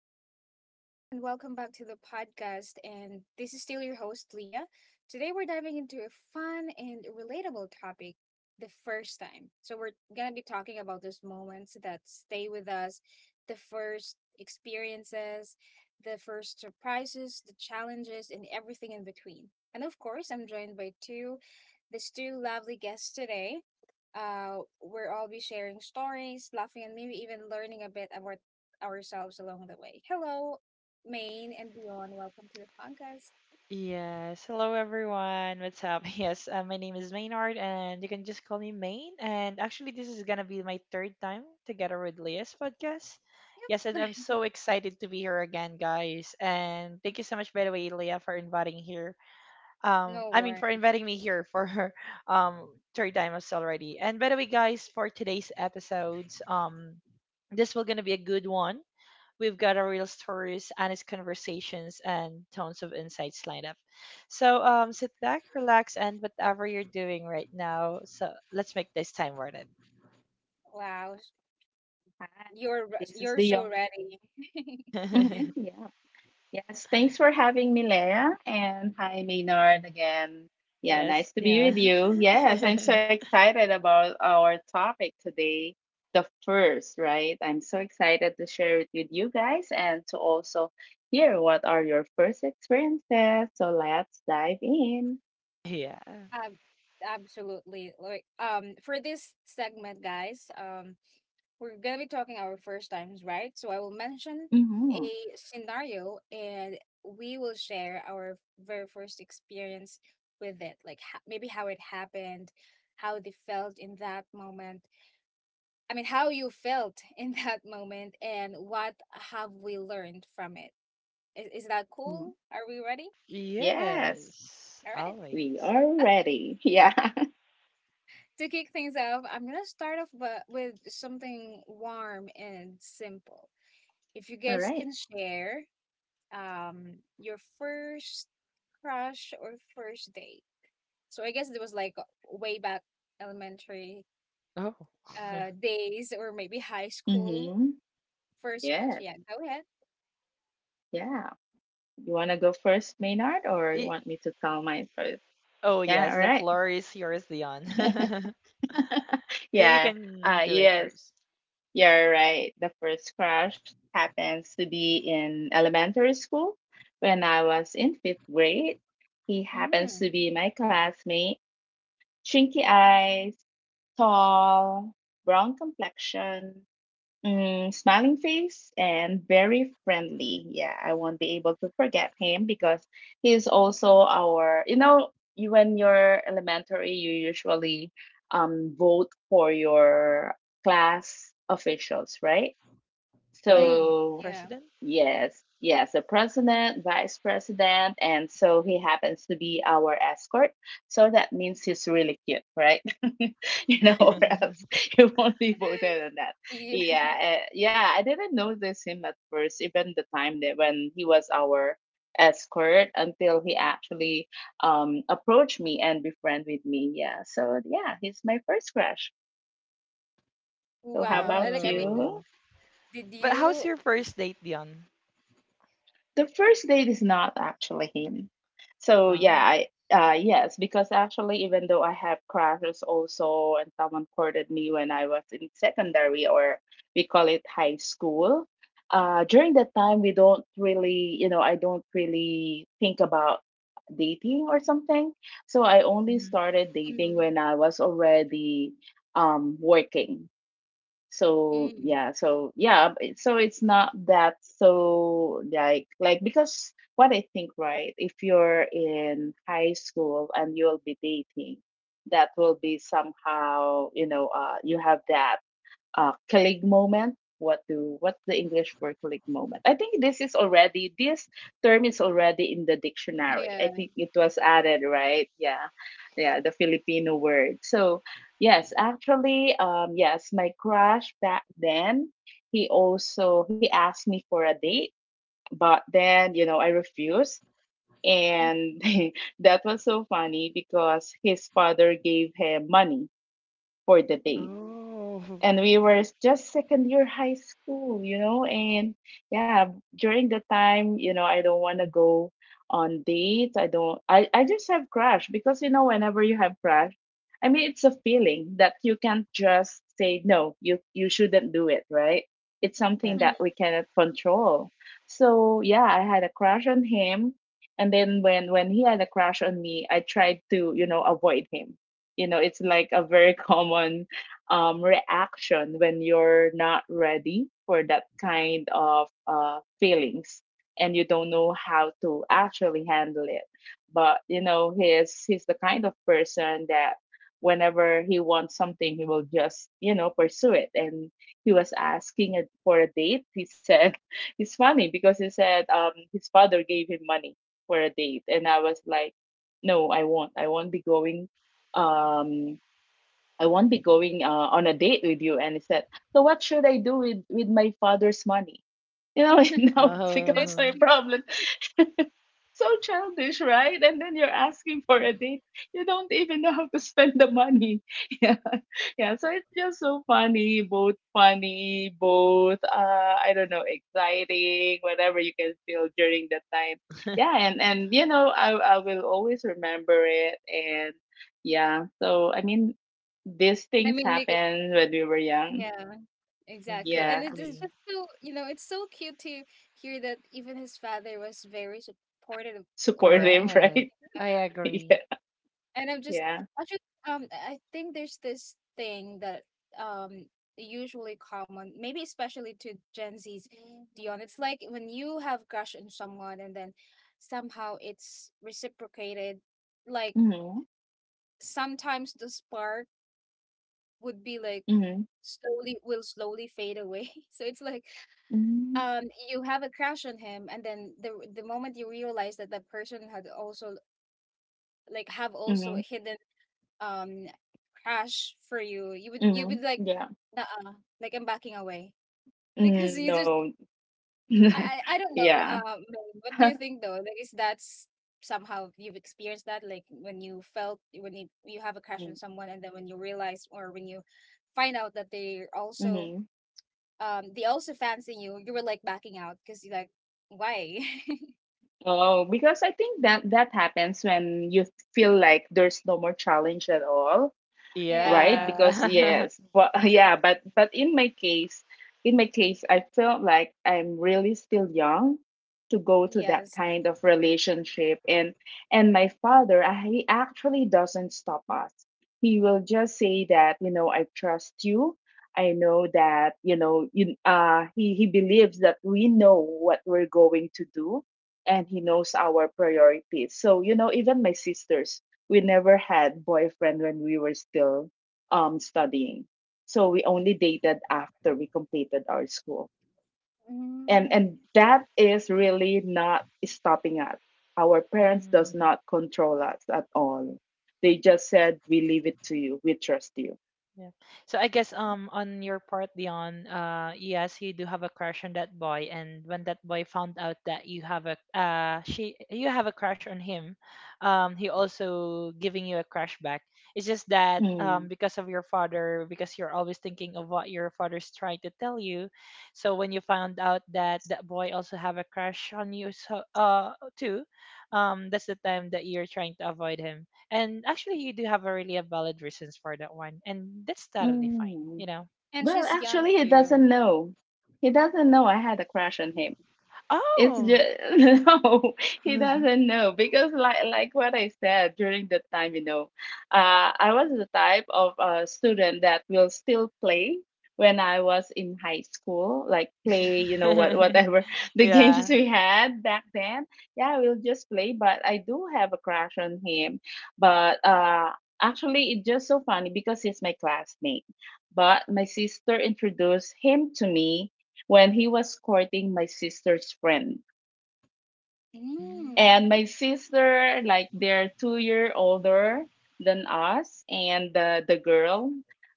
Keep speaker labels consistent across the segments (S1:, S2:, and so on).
S1: Hello, everyone, and welcome back to the podcast. And this is still your host, Leah. Today, we're diving into a fun and relatable topic, the first time. So, we're going to be talking about those moments that stay with us, the first experiences, the first surprises, the challenges, and everything in between. And of course, I'm joined by two, these two lovely guests today. Where I'll be sharing stories, laughing, and maybe even learning a bit about ourselves along the way. Hello, Maine and beyond. Welcome to the podcast.
S2: Yes, hello everyone. What's up? Yes, my name is Maynard, and you can just call me Main. And actually, this is gonna be my third time together with Leah's podcast. Yes, and I'm so excited to be here again, guys. And thank you so much, by the way, Leah, for inviting here.
S1: No
S2: I mean, for
S1: worries.
S2: inviting me here for her um third time as already. And by the way, guys, for today's episodes, this will gonna be a good one. We've got our real stories, honest conversations, and tons of insights lined up. So sit back, relax, and whatever you're doing right now, so let's make this time worth it.
S1: Wow,
S3: Hi, this is
S1: you're
S3: the
S1: so
S3: young.
S1: ready.
S3: Hmm. Yeah. Yes. Thanks for having me, Leia. And hi, Maynard again. Yeah,
S2: Yes,
S3: nice to be
S2: yeah.
S3: with you. Yes, I'm so excited about our topic today, the first, right? I'm so excited to share it with you guys and to also hear what are your first experiences. So let's dive in.
S2: Yeah.
S1: Ab- absolutely. Like, for this segment, guys, we're going to be talking our first times, right? So I will mention
S3: Hmm.
S1: a scenario and we will share our very first experience with it, like, maybe how it happened, how they felt in that moment. I mean, how you felt in that moment and what have we learned from it. Is that cool? Are we ready?
S3: Yes,
S2: Yes,
S1: All right.
S3: we
S2: always.
S3: are
S1: Okay.
S3: ready. Yeah.
S1: To kick things off, I'm going to start off with something warm and simple. If you
S3: All
S1: guys
S3: right.
S1: can share your first crush or first date? So I guess it was like way back elementary
S2: Oh.
S1: days or maybe high school
S3: Mm-hmm.
S1: first crush.
S3: Yes.
S1: Yeah, go ahead.
S3: Yeah. You want to go first, Maynard, or you
S2: Y-
S3: want me to tell mine first?
S2: oh,
S3: Yeah,
S2: yes,
S3: all
S2: the
S3: right.
S2: floor is yours, Dion. You
S3: Yeah,
S2: can do it
S3: yes,
S2: first.
S3: you're right. The first crush happens to be in elementary school when I was in fifth grade. He happens
S1: Mm,
S3: to be my classmate: chinky eyes, tall, brown complexion, smiling face, and very friendly. Yeah, I won't be able to forget him because he's also our, you know, you, when you're elementary, you usually vote for your class officials, right?
S2: Like
S1: mm,
S3: So
S1: yeah.
S2: president?
S3: yes, yes, the president, vice president, and so he happens to be our escort. So that means he's really cute, right? You know, or else he won't be voted on that.
S1: Yeah.
S3: Yeah, yeah, I didn't notice him at first, even the time that when he was our escort, until he actually approached me and befriend with me. Yeah, he's my first crush. So how
S1: Wow. I
S3: about
S1: mean,
S3: you?
S2: Oh.
S1: did
S2: But
S1: you?
S2: how's your first date, Dion?
S3: The first date is not actually him. So yeah,
S2: Oh.
S3: I yes, because actually even though I have crushes also and someone courted me when I was in secondary, or we call it high school. During that time we don't really, I don't really think about dating or something. So I only
S2: Mhm.
S3: started dating
S1: Mm,
S3: when I was already working. so
S1: mm,
S3: yeah so yeah b- so it's not that. So like, because what I think, right, if you're in high school and you'll be dating, that will be somehow, you have that colleague moment. What's the English for colleague moment? I think this term is already in the dictionary.
S1: yeah.
S3: I think it was added, right? Yeah, yeah, the Filipino word. So yes, actually, yes, my crush back then, he asked me for a date, but then I refused.
S1: Mm.
S3: And that was so funny because his father gave him money for the date,
S1: Oh.
S2: Oh.
S3: and we were just second year high school, and yeah, during the time, you know, I don't want to go on dates. I don't, I just have crush because, you know, whenever you have crush, I mean, it's a feeling that you can't just say, no, you, shouldn't do it, right? It's
S2: Yeah.
S3: something that
S1: Mhm.
S3: we cannot control. So yeah, I had a crush on him. And then when, he had a crush on me, I tried to, you know, avoid him. You know, it's like a very common reaction when you're not ready for that kind of feelings, and you don't know how to actually handle it. But you know, he's the kind of person that whenever he wants something, he will just pursue it. And he was asking it for a date. He said it's funny because he said his father gave him money for a date, and I was like, no, I won't. Um I won't be going on a date with you. And he said, so what should I do with, my father's money? You know, now it becomes
S1: That's,
S3: my
S2: Oh.
S3: problem. So childish, right? And then you're asking for a date. You don't even know how to spend the money. Yeah. Yeah. So it's just so funny, both I don't know, exciting, whatever you can feel during that time. Yeah, and you know, I will always remember it, and yeah. So I mean these
S1: I
S3: things
S1: mean, like,
S3: happen when we were young.
S1: yeah. Exactly. And
S3: Yeah.
S1: it is
S2: Exactly.
S1: just so, you know, it's so cute to hear that even his father was very supportive of
S2: Correct.
S1: him.
S3: Supportive, right?
S2: I
S3: Yeah.
S2: agree.
S1: And I'm just
S3: Yeah.
S1: actually, I think there's this thing that um usually common, maybe especially to Gen Z's, Dion. It's like when you have crush on someone and then somehow it's reciprocated, like
S3: Mm-hmm.
S1: sometimes the spark would be like
S3: Mm-hmm.
S1: slowly, will slowly fade away. So it's like,
S3: Mm-hmm.
S1: um you have a crush on him and then the moment you realize that that person had also, like, have also
S3: Mm-hmm.
S1: a hidden um crush for you, you would,
S3: Mhm. Yeah.
S1: uh I'm backing away. Because
S3: Mm,
S1: you just,
S3: no.
S1: I don't know,
S3: Yeah.
S1: what do you think though? Like, is that somehow you've experienced that? Like when you felt, when you have a crush on
S3: Mm,
S1: someone and then when you realize or when you find out that they also,
S3: mhm.
S1: they also fancy you, you were like backing out because you like, why?
S3: Oh, because I think that that happens when you feel like there's no more challenge at all. Right,
S1: Yeah.
S3: because
S2: Yeah.
S3: yes, but yeah, but in my case, I felt like I'm really still young to go to that
S1: Yes.
S3: kind of relationship. And my father, he actually doesn't stop us. He will just say that I trust you. I know that you know you, he believes that we know what we're going to do, and he knows our priorities. So even my sisters, we never had boyfriend when we were still studying. So we only dated after we completed our school. And
S1: Mm.
S3: and that is really not stopping us. Our parents does
S2: Mm.
S3: not control us at all. They just said, we leave it to you. We trust you.
S2: Yeah. So I guess on your part, Dion, yes, you do have a crush on that boy, and when that boy found out that you have a crush on him, he also giving you a crush back. It's just that
S3: Mm.
S2: because of your father, because you're always thinking of what your father's trying to tell you, so when you found out that that boy also have a crush on you, so too, that's the time that you're trying to avoid him. And actually, you do have a really a valid reasons for that one, and that's totally fine,
S3: Mm.
S2: you know.
S1: And
S3: Well,
S1: she's young
S3: actually, he
S1: too.
S3: doesn't know. He doesn't know I had a crush on him. It's
S2: Oh.
S3: just no, he doesn't know, because like what I said during the time, you know, I was the type of student that will still play when I was in high school, like play, you know, whatever the games
S2: Yeah.
S3: we had back then. Yeah, we'll just play, but I do have a crush on him. But actually, it's just so funny because he's my classmate. But my sister introduced him to me when he was courting my sister's friend.
S1: Mm.
S3: And my
S2: Mm.
S3: sister, like, they're 2 year older than us, and the girl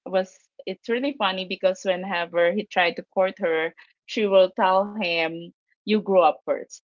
S3: was. It's really funny because whenever he tried to court her, she will tell him, "You grow up first."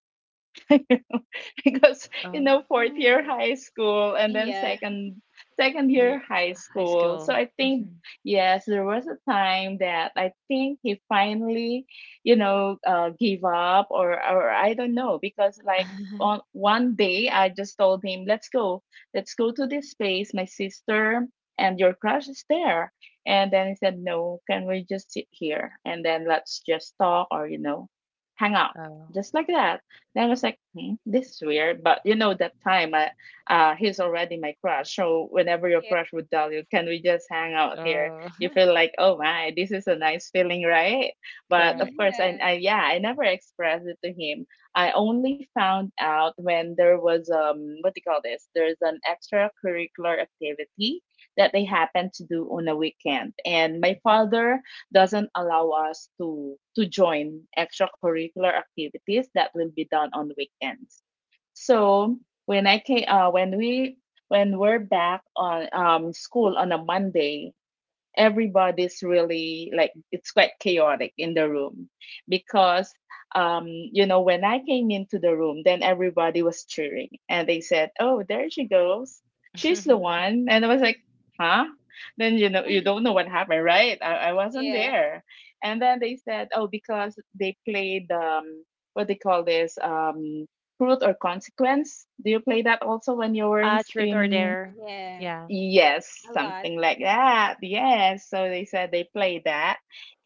S3: Because, you
S2: Oh,
S3: know, fourth year
S1: Mm.
S3: high school and then
S1: Yeah.
S3: second
S2: yeah.
S3: year high
S2: High
S3: school, so
S2: school.
S3: I think
S2: Mhm.
S3: yes, there was a time that I think he finally, you know, gave up, or I don't know, because like on one day I just told him, let's go to this place, my sister and your crush is there. And then he said, no, can we just sit here and then let's just talk, or, you know, hang out,
S2: Oh.
S3: just like that. And I was like, hmm, this is weird. But you know, that time, he's already my crush. So whenever your
S1: Yeah.
S3: crush would tell you, can we just hang out here?
S2: Oh.
S3: You feel like, oh my, this is a nice feeling, right? But of
S2: Correct.
S3: course, I,
S1: Yeah.
S3: I yeah, I never expressed it to him. I only found out when there was, what do you call this? There's an extracurricular activity that they happen to do on a weekend, and my father doesn't allow us to join extracurricular activities that will be done on weekends. So when I came, when we're back on, school on a Monday, everybody's really like, it's quite chaotic in the room because, you know, when I came into the room, then everybody was cheering and they said, oh, there she goes, she's the one. And I was like, huh? Then, you know, you don't know what happened, right? I wasn't
S1: Yeah.
S3: there. And then they said, oh, because they played what they call this, truth or consequence. Do you play that also when you were in,
S2: Ah, truth or
S3: in
S2: dare.
S1: Yeah.
S2: Yeah.
S3: Yes,
S1: A lot.
S3: something like that. Yes. So they said they played that.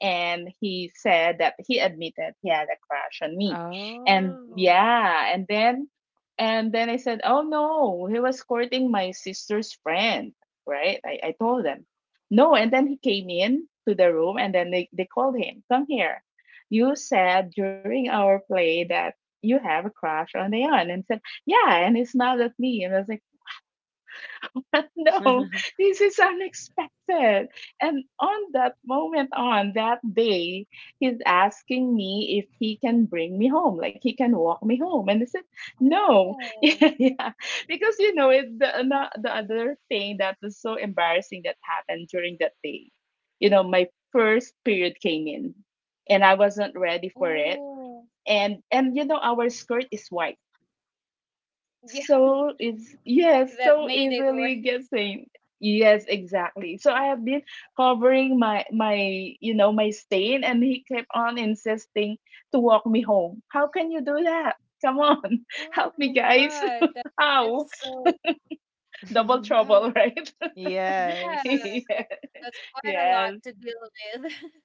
S3: And he said that he admitted he had a crush on me. And
S2: Oh.
S3: yeah. And then, I said, oh no, he was courting my sister's friend. Right. I told them. No. And then he came in to the room, and then they called him, come here. You said during our play that you have a crush on Leon. And he said, yeah. And he smiled at me and was like, no, this is unexpected. And on that moment, on that day, he's asking me if he can bring me home, like he can walk me home. And I said, no.
S1: Oh.
S3: Yeah, because, you know, the other thing that was so embarrassing that happened during that day, you know, my first period came in and I wasn't ready for it.
S1: Oh.
S3: And, you know, our skirt is white,
S1: Yeah.
S3: so it's yes,
S1: That
S3: so
S1: made it work.
S3: easily guessing. Yes, exactly. So I have been covering my my you know my stain, and he kept on insisting to walk me home. How can you do that? Come on, help me,
S1: Oh
S3: guys.
S1: God.
S3: How
S1: That's so.
S3: double
S1: Oh
S3: trouble, right?
S1: yeah.
S2: Yes.
S1: Like, that's quite a
S3: Yes.
S1: lot to deal with.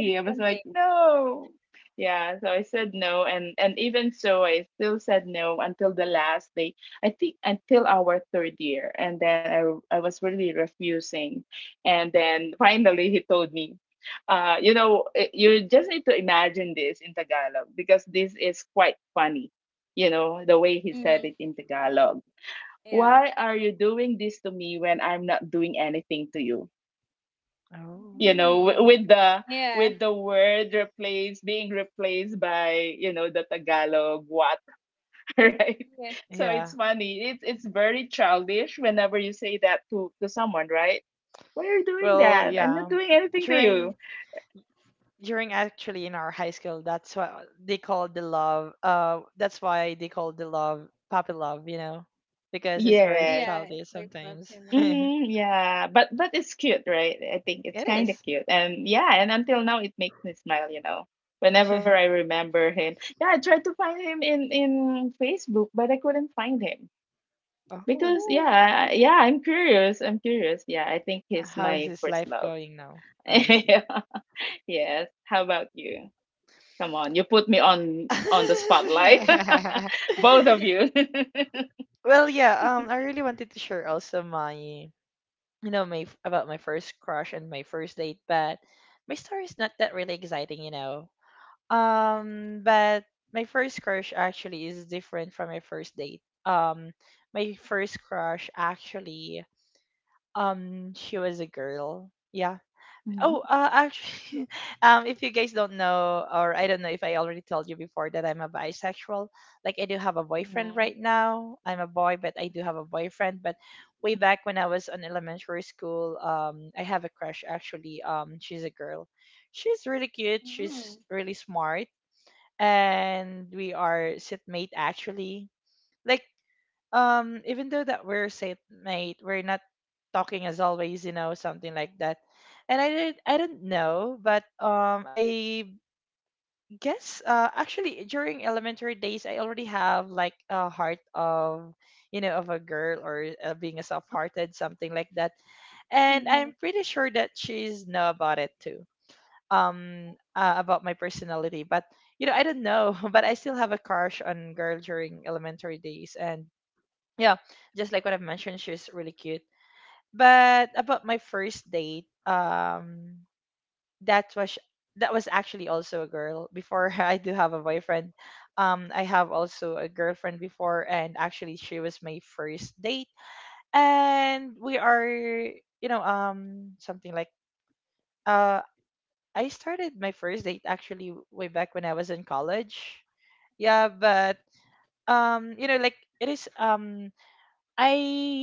S1: In
S3: I was
S1: one day.
S3: like, no. Yeah, so I said no, and even so I still said no until the last day. I think until our third year, and then I was really refusing. And then finally he told me, you know, you just need to imagine this in Tagalog because this is quite funny. You know, the way he said
S1: Mm.
S3: it in Tagalog.
S1: Yeah.
S3: Why are you doing this to me when I'm not doing anything to you?
S2: Oh,
S3: You know,
S1: Mm.
S3: with the
S1: Yeah.
S3: word replaced being replaced by, you know, the Tagalog what. Right,
S1: Yeah.
S3: so it's
S2: yeah.
S3: funny, it's very childish whenever you say that to someone, right? Why are you doing
S2: Well,
S3: that? I'm not
S2: yeah.
S3: doing anything to
S2: During
S3: you.
S2: during actually in our high school, that's what they call the love, that's why they call the love puppy love, you know, because it's very
S1: Yeah.
S3: Yes.
S1: It's like
S2: childish sometimes.
S1: popular.
S2: It
S3: Hmm. Yeah, but it's cute, right? I think it's kind of
S2: is.
S3: cute. And yeah, and until now it makes me smile, you know, whenever I remember him. Yeah, I tried to find him in Facebook, but I couldn't find him.
S2: Oh,
S3: Because
S1: Ooh.
S3: yeah, yeah, I'm curious. I'm curious. Yeah, I think he's
S2: how is
S3: my
S2: his
S3: first
S2: life
S3: love.
S2: going now? I see.
S3: Yeah. Yes. How about you? Come on, you put me on the spotlight. Both of you.
S2: Well, yeah, I really wanted to share also my, about my first crush and my first date, but my story is not that really exciting you know But my first crush actually is different from my first date. My first crush actually, she was a girl. Yeah.
S3: Hmm.
S2: Oh, actually, if you guys don't know, or I don't know if I already told you before that I'm a bisexual. Like I do have a boyfriend
S3: Hmm.
S2: right now. I'm a boy, but I do have a boyfriend. But way back when I was in elementary school, I have a crush actually. She's a girl. She's really cute.
S1: Mm.
S2: She's really smart, and we are sitmate actually. Like even though that we're sitmate, we're not talking as always, you know, something like that. And I don't know, but I guess actually during elementary days I already have like a heart of, you know, of a girl, or being a soft-hearted something like that. And I'm
S1: Mhm.
S2: pretty sure that she's know about it too, about my personality, but I don't know. But I still have a crush on girl during elementary days, and yeah, just like what I've mentioned, she's really cute. But about my first date, that was that was actually also a girl. Before I do have a boyfriend, I have also a girlfriend before, and actually she was my first date. And we are, you know, something like, uh I started my first date actually way back when I was in college. Yeah, but you know, like it is, I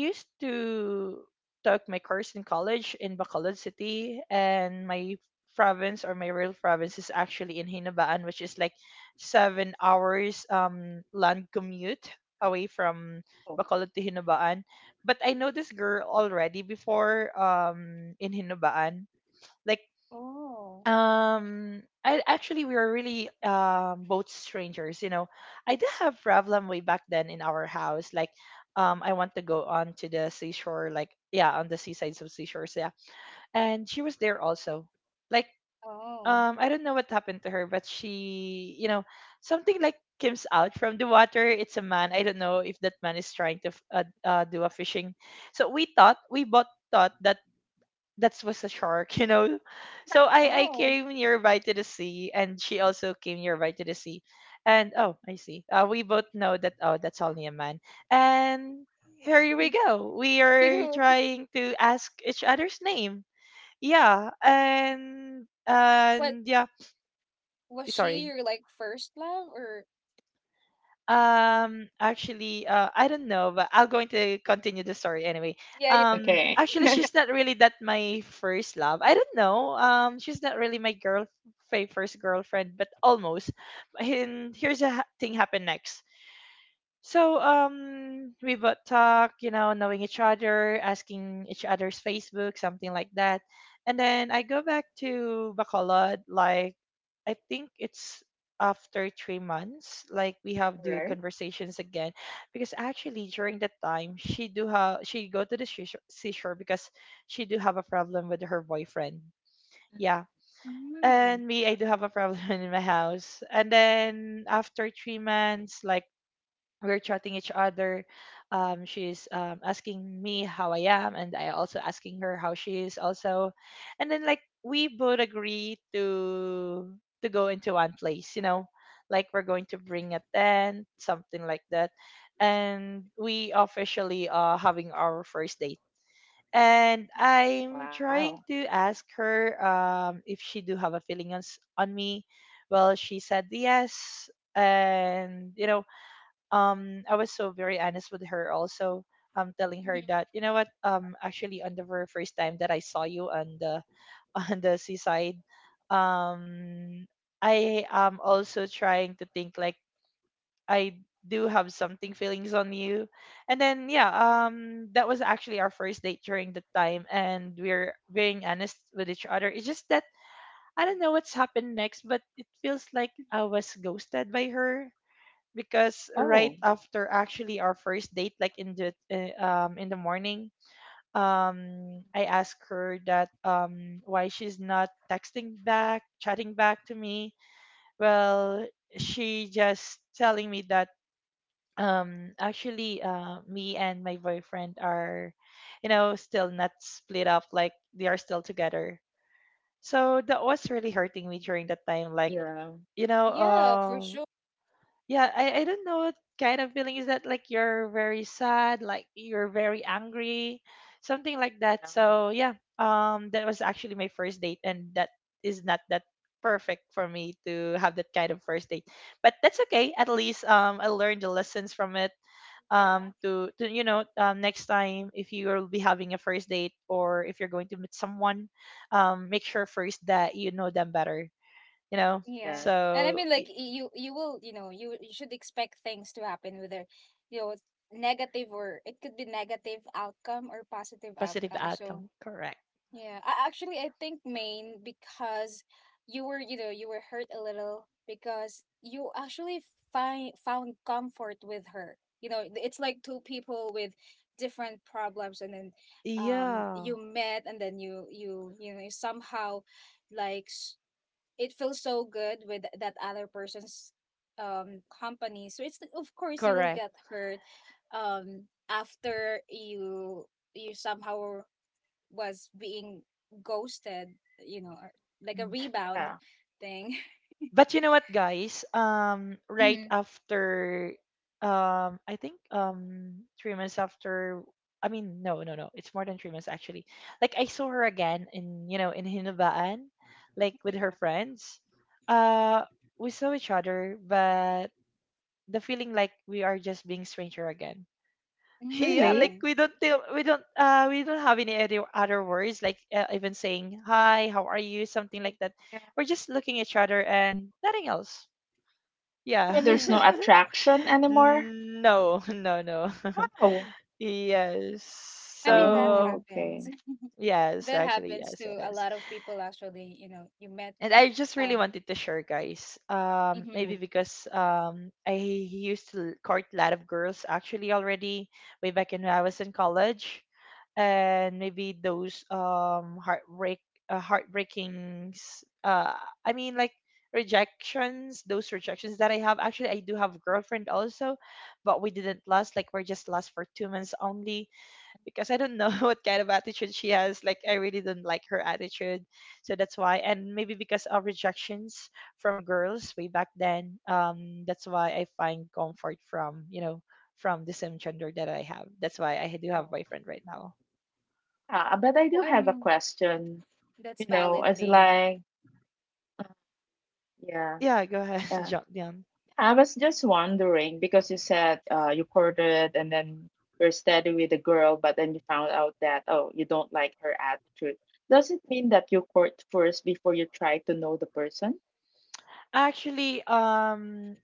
S2: used to took my course in college in Bacolod City, and my province, or my real province, is actually in Hinabaan, which is like 7 hours land commute away from
S3: Oh,
S2: Bacolod to Hinabaan. But I know this girl already before, in Hinabaan. Like,
S1: Oh.
S2: I actually we were really both strangers, you know. I did have problem way back then in our house. Like, I want to go on to the seashore, like yeah, on the seasides of seashores, yeah. And she was there also. Like,
S1: Oh.
S2: I don't know what happened to her, but she, something like comes out from the water. It's a man. I don't know if that man is trying to do a fishing. So we both thought that that was a shark, you know. So I
S1: Oh.
S2: came nearby to the sea, and she also came nearby to the sea, and oh, I see. We both know that oh, that's only a man, and here we go. We are
S1: Cute.
S2: trying to ask each other's name. Yeah, and
S1: But
S2: and yeah.
S1: was she
S2: Sorry.
S1: your like first love or?
S2: Actually, I don't know, but I'm going to continue the story anyway.
S1: Yeah, yeah.
S3: okay.
S2: Actually, she's not really that my first love. I don't know. She's not really my girl, first girlfriend, but almost. And here's a thing happened next. So we would talk, you know, knowing each other, asking each other's Facebook, something like that. And then I go back to Bacolod, like I think it's after 3 months, like we have
S3: All
S2: do
S3: right.
S2: conversations again. Because actually during that time she do have she go to the seashore, because she do have a problem with her boyfriend. Yeah.
S3: Mm-hmm.
S1: Mm.
S2: And me, I do have a problem in my house. And then after 3 months, like we're chatting each other. She's asking me how I am, and I also asking her how she is also, and then like we both agree to go into one place, you know, like we're going to bring a tent, something like that, and we officially are having our first date. And
S3: Wow.
S2: I'm trying to ask her, if she do have a feeling on me. Well, she said yes, and I was so very honest with her also, telling her
S1: Mhm.
S2: that, you know what, actually on the very first time that I saw you on the on the seaside, um I am also trying to think like I do have something feelings on you. And then yeah, that was actually our first date during the time, and we're being honest with each other. It's just that I don't know what's happened next, but it feels like I was ghosted by her, because
S3: Oh,
S2: right after actually our first date, like in the morning, I asked her that why she's not texting back, chatting back to me. Well, she just telling me that actually, me and my boyfriend are, still not split up, like they are still together. So that was really hurting me during that time, like
S3: yeah.
S2: you know
S1: Yeah, for
S2: um.
S1: sure.
S2: Yeah, I don't know what kind of feeling is that, like you're very sad, like you're very angry, something like
S3: Yeah.
S2: that. So yeah, that was actually my first date, and that is not that perfect for me to have that kind of first date. But that's okay. At least I learned the lessons from it.
S1: Yeah.
S2: To, next time if you will be having a first date, or if you're going to meet someone, make sure first that you know them better, you know.
S1: Yeah.
S3: Yeah.
S1: And I
S2: So
S1: mean, like, you you will, you know, you should expect things to happen, whether, you know, negative, or it could be negative outcome or positive
S2: positive
S1: outcome. So,
S2: outcome, correct.
S1: yeah, I actually, I think, main because you were, you know, you were hurt a little because you actually find found comfort with her. You know, it's like two people with different problems, and then,
S2: Yeah,
S1: you met, and then, you know, you somehow, like, it feels so good with that other person's company. So, it's of course you will
S2: correct.
S1: get hurt after you, you somehow was being ghosted, you know, or like a
S2: Mm.
S1: rebound
S3: Yeah.
S1: thing.
S2: But you know what, guys? Right
S1: Hmm.
S2: after, I think 3 months after. I mean, no, no, no. It's more than 3 months actually. Like I saw her again in you know in Hinubaan, like with her friends. Uh, we saw each other, but the feeling like we are just being stranger again. Yeah,
S1: Mhm.
S2: like
S3: Really?
S1: Mm.
S2: we don't tell, we don't have any other words, like even saying hi, how are you, something like that.
S3: Yeah.
S2: We're just looking at each other and nothing else. Yeah.
S1: I
S3: So there's
S1: mean,
S3: no attraction anymore?
S2: No, no, no.
S3: Wow.
S2: Yes.
S1: I mean, that
S2: So,
S3: Oh,
S1: happens.
S3: okay.
S2: yes,
S1: That
S2: actually,
S1: happens
S2: yes, it
S1: to a
S2: is.
S1: lot of people actually. You know, you met,
S2: And I just really
S1: um
S2: wanted to share, guys.
S1: mhm.
S2: Maybe
S3: Mm.
S2: because I used to court a lot of girls actually already way back in when I was in college, and maybe those heartbreakings. I mean like rejections. Those rejections that I have. Actually, I do have a girlfriend also, but we didn't last. Like we're just last for 2 months only, because I don't know what kind of attitude she has. Like I really don't like her attitude, so that's why. And maybe because of rejections from girls way back then, that's why I find comfort from, the same gender that I have. That's why I do
S3: Oh.
S2: have boyfriend right now.
S3: Ah, but I
S1: Oh,
S3: do
S1: I
S3: have a
S1: mean,
S3: question.
S1: that's
S3: You know,
S1: valid,
S3: as
S1: Bane.
S3: like, yeah,
S2: Yeah, go ahead,
S3: yeah.
S2: John.
S3: I was just wondering because you said, you courted and then you're steady with the girl, but then you found out that, oh, you don't like her attitude. Does it mean that you court first before you try to know the person?
S2: Actually, um,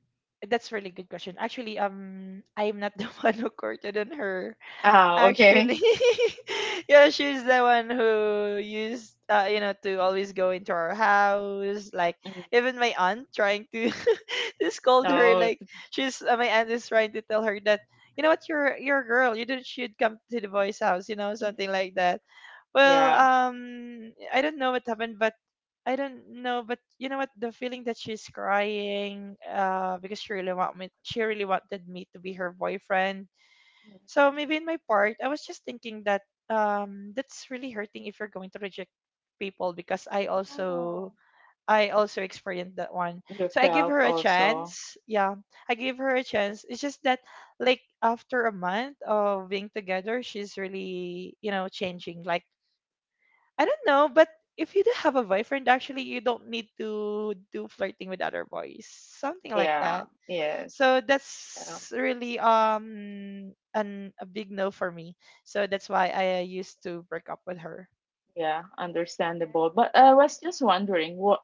S2: that's a really good question. I'm not the one who courted on her.
S3: Ah,
S2: Actually,
S3: okay.
S2: yeah, she's the one who used, to always go into our house. Like
S3: Mm.
S2: even my aunt trying to to scold her.
S3: No.
S2: Like she's my aunt is trying to tell her that you know what, you're a girl. You don't should come to the boys' house. You know,
S3: Mm.
S2: something like that.
S3: Yeah.
S2: I don't know what happened, but I don't know, but you know what? The feeling that she's crying, because she really wanted me to be her boyfriend. So maybe in my part, I was just thinking that that's really hurting if you're going to reject people because
S1: Oh,
S2: I also experienced that one.
S3: You
S2: So I give
S3: felt
S2: her a
S3: also.
S2: chance. Yeah, I give her a chance. It's just that like after a month of being together, she's really, you know, changing. Like I don't know, but if you do have a boyfriend, actually, you don't need to do flirting with other boys, something like
S3: Yeah,
S2: that.
S3: yeah,
S2: So
S3: yeah,
S2: that's really an a big no for me. So that's why I used to break up with her.
S3: yeah,
S1: yeah.
S3: understandable. But I was just wondering, what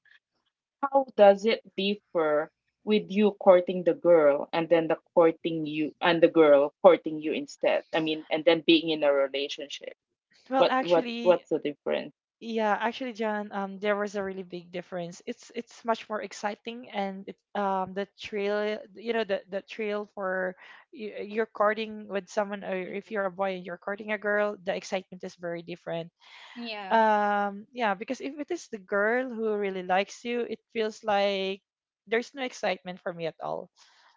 S3: how does it differ with you courting the girl, and then the courting you, and the girl courting you instead? I mean, and then being in a relationship.
S2: Well,
S3: What what
S2: actually,
S3: what's the difference?
S2: yeah, actually, John, there was a really big difference. It's much more exciting, and it, the trail, you know, the trail for you're courting with someone, or if you're a boy and you're courting a girl, the excitement is very different.
S1: Yeah,
S2: Yeah, because if it is the girl who really likes you, it feels like there's no excitement for me at all.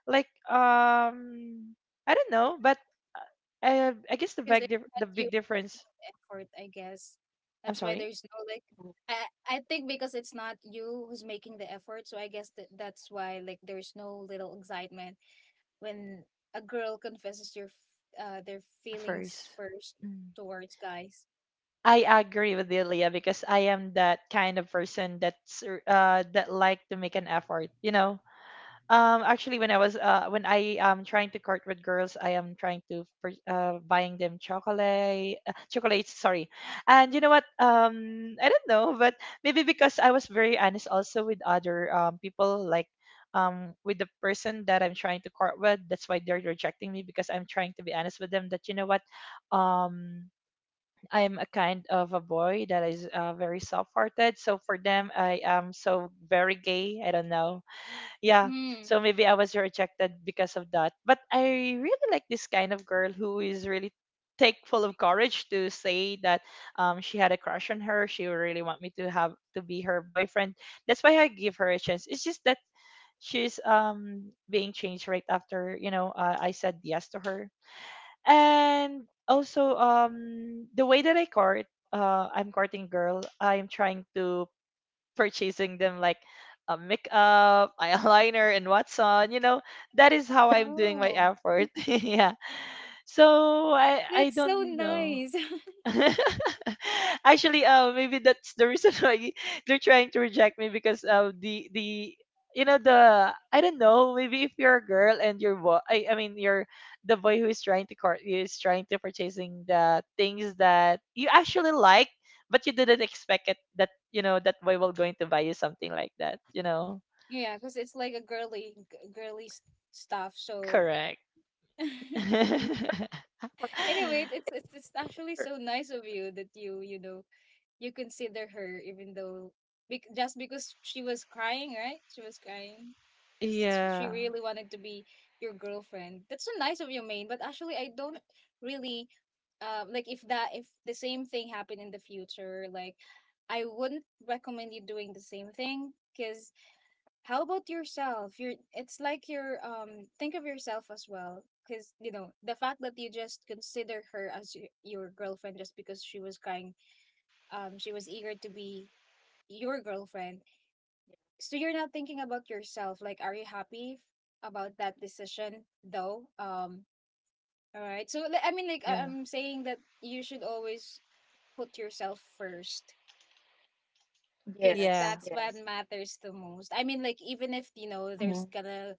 S2: Like, I don't know, but uh, I guess the
S1: because it's not
S2: the
S1: you
S2: big difference.
S1: making the effort, I guess.
S2: I'm
S1: That's why
S2: sorry.
S1: there's no, like,
S3: Mm,
S1: I think because it's not you who's making the effort, so I guess that that's why, like, there's no little excitement when a girl confesses their, their feelings
S2: First.
S1: first
S2: Mm.
S1: towards guys.
S2: I agree with you, Leah, because I am that kind of person that's that like to make an effort. You know, Actually, when I am trying to court with girls, I am trying to buying them chocolate, chocolates. Sorry, and you know what? I don't know, but maybe because I was very honest also with other people, like with the person that I'm trying to court with. That's why they're rejecting me because I'm trying to be honest with them. That you know what? Um, I'm a kind of a boy that is very soft-hearted. So for them, I am so very gay. I don't know, yeah.
S1: Hmm.
S2: So maybe I was rejected because of that, but I really like this kind of girl who is really take full of courage to say that she had a crush on her, she really want me to have to be her boyfriend. That's why I give her a chance. It's just that she's being changed right after, you know, I said yes to her. And also the way that I court, I'm courting girl, I'm trying to purchasing them like a makeup, eyeliner, and what's on. You know, that is how I'm doing my
S1: Oh,
S2: effort. Yeah. So I
S1: that's so
S2: don't know.
S1: nice.
S2: Actually, maybe that's the reason why they're trying to reject me because the you know the, I don't know, maybe if you're a girl and your boy I mean you're the boy who is trying to court you is trying to purchasing the things that you actually like but you didn't expect it that you know that boy will going to buy you something like that, you know.
S1: Yeah, because it's like a girly stuff. So,
S2: Correct.
S1: anyway, it's, it's actually so
S3: sure.
S1: nice of you that you know, you consider her, even though, just because she was crying, right? She was crying
S2: yeah
S1: because she
S2: yeah
S1: really wanted to be your girlfriend. That's so nice of you, main but actually, I don't really, like, if that, if the same thing happened in the future, like, I wouldn't recommend you doing the same thing, because how about yourself? You're, it's like you're, think of yourself as well, because, you know, the fact that you just consider her as your girlfriend just because she was crying, she was eager to be your girlfriend. So, you're not thinking about yourself. Like, are you happy about that decision though? All right. So, I mean, like,
S2: yeah
S1: I'm saying that you should always put yourself first, because
S3: Yes,
S2: yeah
S1: that's
S3: yes.
S1: what matters the most. I mean, like, even if, you know,
S3: Hmm.
S1: there's gonna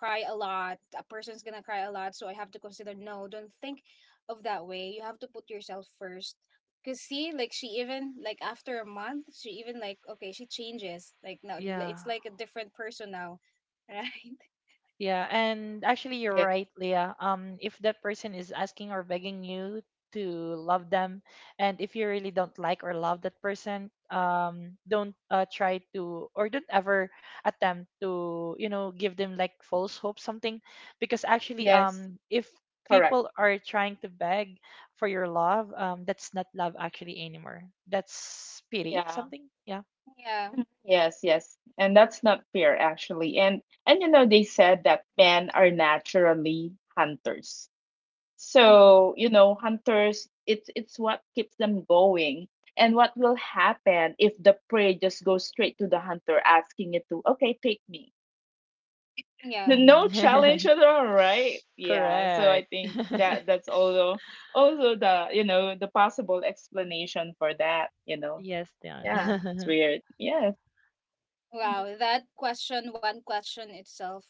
S1: cry a lot, a person's gonna cry a lot, so I have to consider, no, don't think of that way. You have to put yourself first. Cause, see, like, she even, like, after a month, she even, like, okay, she changes. Like, now,
S2: yeah
S1: it's like a different person now, right?
S2: Yeah, and actually you're
S3: Yeah,
S2: right, Leah. If that person is asking or begging you to love them, and if you really don't like or love that person, don't try to, or don't ever attempt to, you know, give them like false hope something, because
S3: yes,
S2: if
S3: correct.
S2: people are trying to beg for your love, that's not love actually anymore. That's pity,
S3: Yeah.
S2: something. Yeah.
S1: Yeah.
S3: Mhm. Yes, yes. And that's not fair actually. And you know, they said that men are naturally hunters.
S1: Mm.
S3: So, you know, hunters, it's what keeps them going. And what will happen if the prey just goes straight to the hunter, asking it to, okay, take me.
S1: Yeah.
S2: Mhm.
S3: No challenge at all, right? Yeah. So I
S2: Correct.
S3: think that that's also, the you know the possible explanation for that, you know.
S2: Yes, Dion.
S3: Yeah. It's weird. Yes. Mhm.
S1: Wow, that question, one question itself,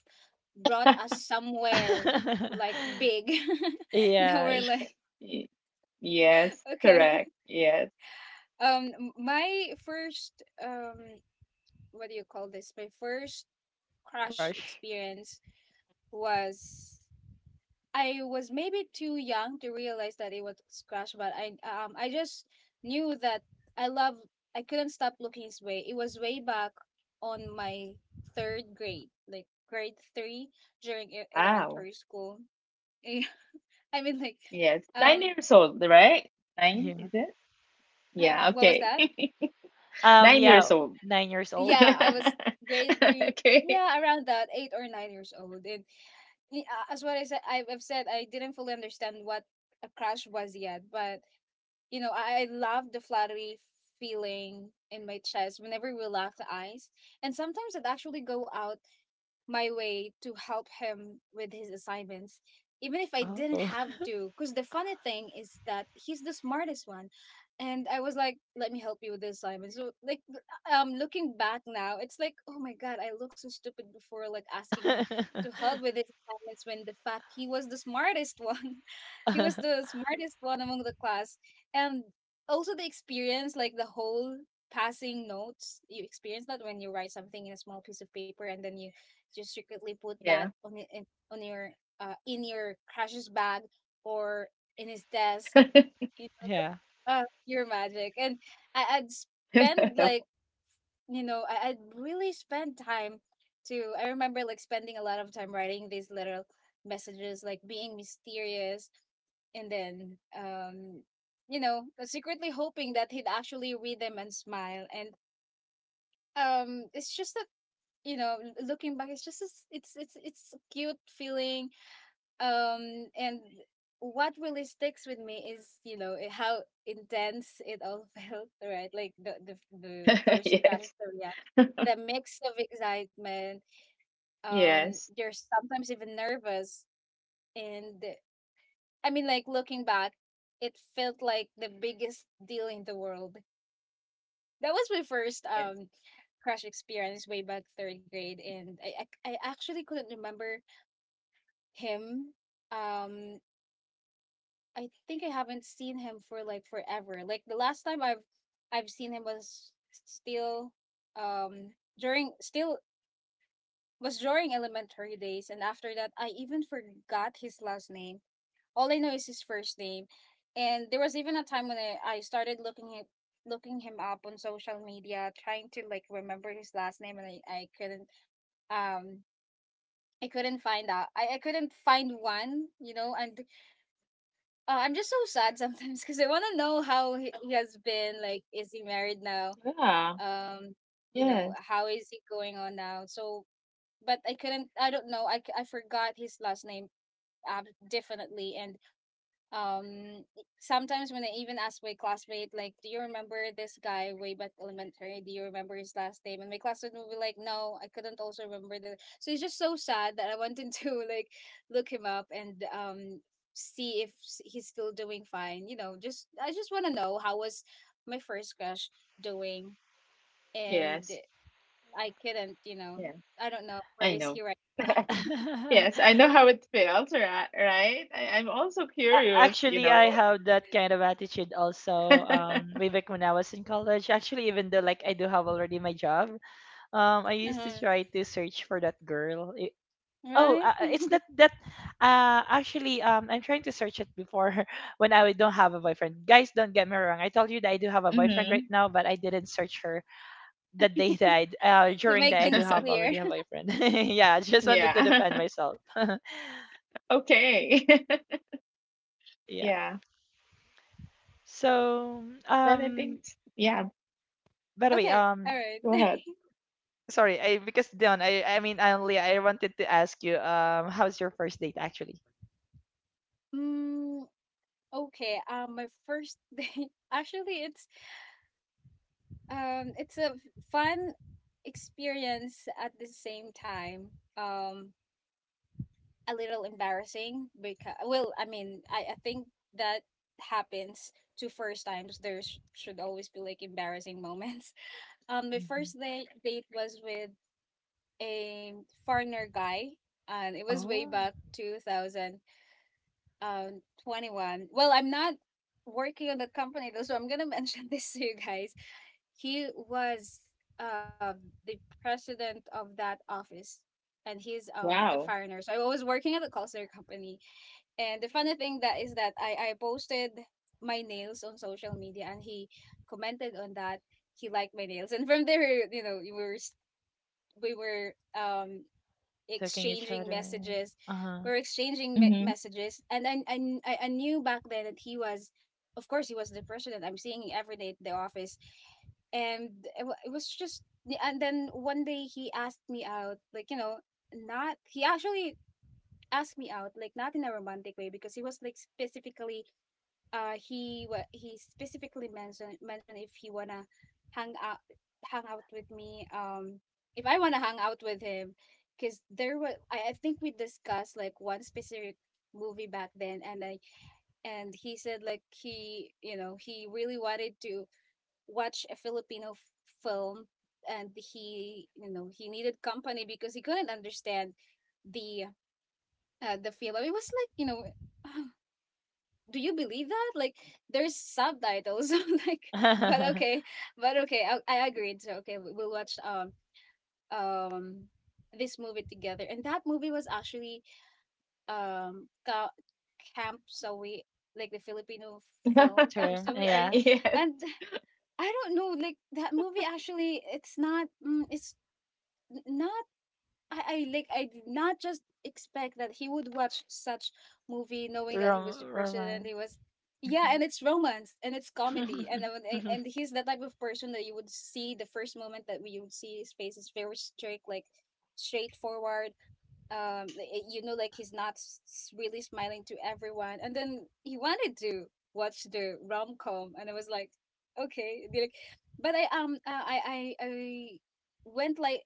S1: brought us somewhere like big. That we're
S2: Yes,
S1: like,
S3: Y- Yes,
S1: okay.
S3: correct. Yes.
S1: My first, what do you call this? My first crush
S2: crush.
S1: experience was, I was maybe too young to realize that it was crush, but I, I just knew that I love. I couldn't stop looking his way. It was way back on my third grade, like grade three, during
S3: Wow.
S1: elementary school. I mean, like,
S3: Yes. Nine
S1: um,
S3: years old, right? Nine, is
S2: Yeah.
S3: it? Yeah,
S1: what was
S3: okay.
S1: that?
S2: Um,
S3: 9 years
S2: yeah,
S3: old.
S2: 9 years old.
S1: Yeah, I
S2: y-
S1: was grade three.
S3: Okay.
S1: Yeah, around that, 8 or 9 years old. And, as what I said, I've said, I didn't fully understand what a crush was yet, but, you know, I love the fluttery feeling in my chest whenever we laugh the eyes, and sometimes it actually go out my way to help him with his assignments, even if I didn't
S2: Oh.
S1: have to. Because the funny thing is that he's the smartest one. And I was like, let me help you with the assignment. So, like, looking back now, it's like, oh my God, I looked so stupid before, like, asking him to help with his assignments when the fact he was the smartest one. He was the smartest one among the class. And also the experience, like, the whole passing notes, you experience that, when you write something in a small piece of paper and then you just secretly put that
S3: Yeah.
S1: on it, on your, in your crush's bag or in his desk. You
S2: Yeah.
S1: know, your magic. And I'd spend
S3: No.
S1: like, you know, I'd really spend time to. I remember like spending a lot of time writing these little messages, like being mysterious, and then, you know, secretly hoping that he'd actually read them and smile. And it's just that, you know, looking back, it's just a, s it's, it's a cute feeling. And what really sticks with me is, you know, how intense it all felt, right? Like the first crash,
S3: Yes.
S1: the reaction, the mix of excitement,
S3: Yes.
S1: you're sometimes even nervous. And I mean, like, looking back, it felt like the biggest deal in the world. That was my first
S3: Yes.
S1: crash experience way back third grade. And I actually couldn't remember him. um I think I haven't seen him for like forever. Like, the last time I've seen him was still, um during still, was during elementary days, and after that I even forgot his last name. All I know is his first name. And there was even a time when I started looking him up on social media, trying to like remember his last name, and I couldn't, um I couldn't find out. I couldn't find one, you know. And, uh, I'm just so sad sometimes because I want to know how he has been. Like, is he married now?
S3: Yeah.
S1: Um, you
S3: Yes.
S1: know, how is he going on now? So, but I couldn't. I don't know. I forgot his last name, definitely. And um sometimes when I even ask my classmate like do you remember this guy way back elementary, do you remember his last name? And my classmate would be like, no, I couldn't also remember the so it's just so sad that I wanted to like look him up and see if s- he's still doing fine, just I just want to know how was my first crush doing. And
S3: Yes.
S1: I couldn't,
S3: Yeah.
S1: I don't know where
S3: I
S1: is he
S3: know.
S1: right now.
S3: Yes. I know how it feels, right? Right? I'm also
S2: A-
S3: curious, you
S2: Actually, I
S3: know.
S2: have that kind of attitude also. Way back when I was in college, actually, even though like I do have already my job, I used to
S1: Uh-huh.
S2: try to search for that girl. Oh,
S1: Right?
S2: it's not that. I'm trying to search it before when I don't have a boyfriend. Guys, don't get me wrong. I told you that I do have a boyfriend
S3: Mm-hmm.
S2: right now, but I didn't search her the day that
S1: To
S2: during
S1: make
S2: that I do
S1: things
S2: have
S1: clear.
S2: already a boyfriend. Yeah, I just wanted to
S3: Yeah.
S2: defend myself.
S3: Okay.
S2: Yeah.
S3: Yeah.
S2: So,
S3: But I think, yeah,
S2: by the way,
S1: Okay, all
S3: go
S1: right.
S3: ahead.
S2: sorry, I because Dion, only I wanted to ask you, how's your first date actually?
S1: mm, okay, my first date actually it's fun experience at the same time. Um a little embarrassing because well I think that happens to first times. There should always be like embarrassing moments. My
S2: Mhm.
S1: first date was with a foreigner guy, and it was way
S2: Oh,
S1: back 2021. Well, I'm not working on the company though, so I'm gonna mention this to you guys. He was uh, the president of that office, and he's a
S3: Wow.
S1: foreigner. So I was working at a call center company, and the funny thing that is that I posted my nails on social media, and he commented on that. He liked my nails, and from there, you know, we were
S2: taking each
S1: exchanging
S2: other.
S1: messages.
S2: Uh
S1: We were exchanging
S3: Mm-hmm.
S1: messages, and I knew back then that he was, of course, he was the person that I'm seeing every day at the office, and it was just. And then one day he asked me out, like, you know, not he actually asked me out like not in a romantic way because he was like specifically he specifically mentioned if he wanna hang out hang out with me. If I wanna hang out with him, because there was, I think we discussed like one specific movie back then. And I and he said like he, you know, he really wanted to watch a Filipino film, and he, you know, he needed company because he couldn't understand the the film. It was like, you know, do you believe that? Like, there's subtitles. I'm like, but
S2: huh.
S1: okay. But okay, I agreed. So okay, we'll watch um this movie together. And that movie was actually um Ka- Camp Sawi, like the Filipino film Camp
S2: Term,
S1: Sawi. Are you
S2: yeah.
S3: Yes.
S1: and I don't know, like that movie actually it's not it's not I like I did not just expect that he would watch such movie, knowing that he was
S2: Rom
S1: depressed and
S2: romance.
S1: he was, yeah, and
S2: Mhm.
S1: it's romance and it's comedy. And I would- and he's the type of person that you would see. The first moment that we would see his face is very strict, like straightforward. You know, like he's not really smiling to everyone, and then he wanted to watch the rom-com. And I was like, okay, be like, but I went like,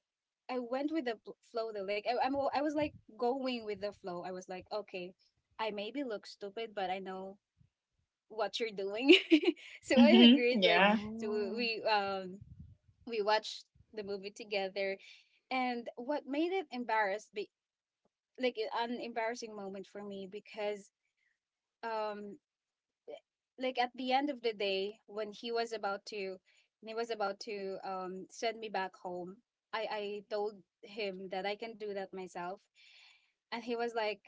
S1: I went with the flow though. Like, I was like going with the flow. I was like, okay, I maybe look stupid, but I know what you're doing. So I
S3: Mm-hmm.
S1: agreed, like,
S3: Yeah.
S1: so
S2: Oh.
S1: we watched the movie together. And what made it embarrassed, like, an embarrassing moment for me because um like at the end of the day when he was about to when he was about to send me back home, I told him that I can do that myself. And he was like,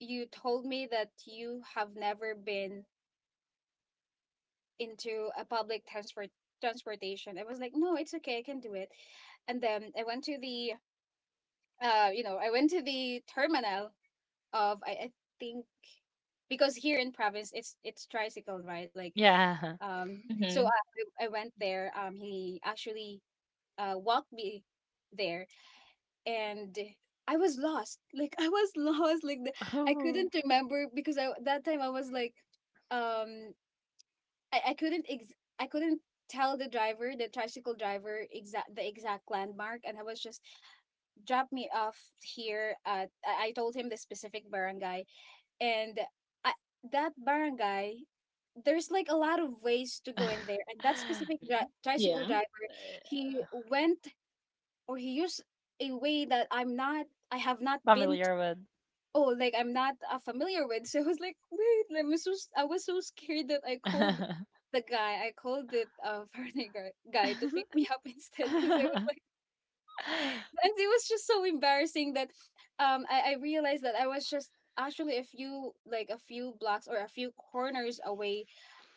S1: you told me that you have never been into a public transport transportation. I was like, no, it's okay, I can do it. And then I went to the you know, I went to the terminal of I think, because here in province it's tricycle, right? Like,
S2: Yeah.
S1: um
S3: Mm-hmm.
S1: so I went there. He actually walked me there, and I was lost. Like, I was lost, like the, I
S2: Oh.
S1: couldn't remember because I, that time I was like, um I couldn't I couldn't tell the driver, the tricycle driver, exact landmark. And I was just, drop me off here at, I told him the specific barangay. And I, that barangay, there's like a lot of ways to go in there. And that specific
S3: Mhm. Yeah.
S1: tricycle driver, he went or he used a way that I'm not, I have not been to.
S2: Familiar with.
S1: Oh, like I'm not familiar with. So I was like, wait, let me, am so si was so scared that I called the guy. I called the foreigner guy, guy to pick me up instead, because I was like, and it was just so embarrassing that I realized that I was just actually a few, like a few blocks or a few corners away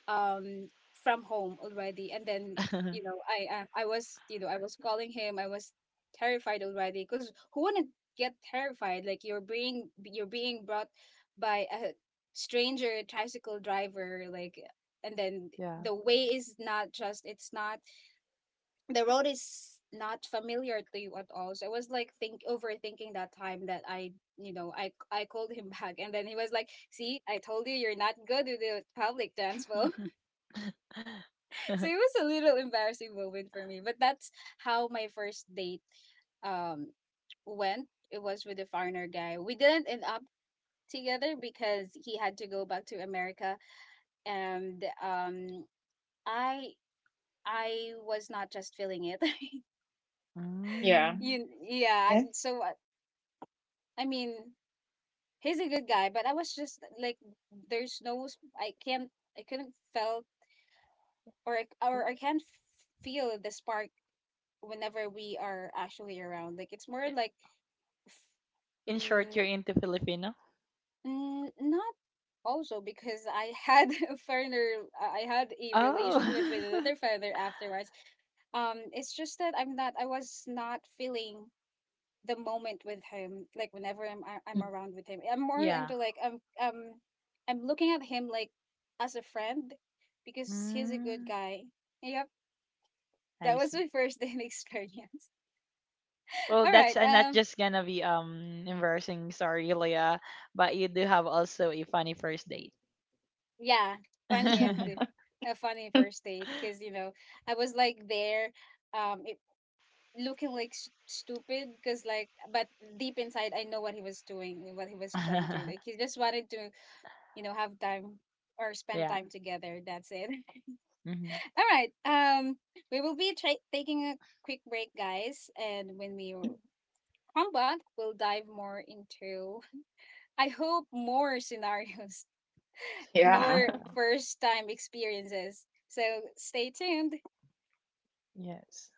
S1: um from home already. And then, you know, I was, you know, I was calling him, I was terrified already because who wouldn't get terrified? Like, you're being, you're being brought by a stranger tricycle driver, like, and then
S2: Yeah.
S1: the way is not just, it's not, the road is not familiar to you at all. So I was like, think, overthinking that time that I, you know, I called him back. And then he was like, "See, I told you you're not good with the public transport." So it was a little embarrassing moment for me, but that's how my first date um went. It was with a foreigner guy. We didn't end up together because he had to go back to America. And I I was not just feeling it.
S3: Yeah.
S2: Mm.
S1: you yeah
S3: Yes.
S1: so I mean, he's a good guy, but I was just like, there's no, I can't, I couldn't felt or I can't feel the spark whenever we are actually around. Like, it's more
S2: I-
S1: like, f-
S2: In short, you're
S1: mm,
S2: into Filipino?
S1: mm, not also because I had a partner, I had a
S2: Oh.
S1: relationship with another partner afterwards. It's just that I'm not, I was not feeling the moment with him. Like, whenever
S3: Mhm.
S1: I'm around with him, I'm more
S2: Yeah.
S1: into like, I'm looking at him like as a friend because he's a good
S2: Mm.
S1: guy. Yep,
S2: I
S1: that was
S2: see.
S1: my first date experience.
S2: Well,
S1: All
S2: that's
S1: right,
S2: not just gonna be embarrassing, sorry, Leah, but you do have also a funny first date.
S1: yeah, funny and a funny first date because, you know, I was like there, um it, looking like stupid because, like, but deep inside, I know what he was doing, what he was trying to, like, he just wanted to, you know, have time or spend
S2: Yeah.
S1: time together, that's it.
S2: Hmm.
S1: All right. We will be taking a quick break, guys. And when we come back, we'll dive more into, I hope, more scenarios,
S3: Yeah.
S1: more
S2: Yeah.
S1: first-time experiences. So stay tuned.
S2: Yes.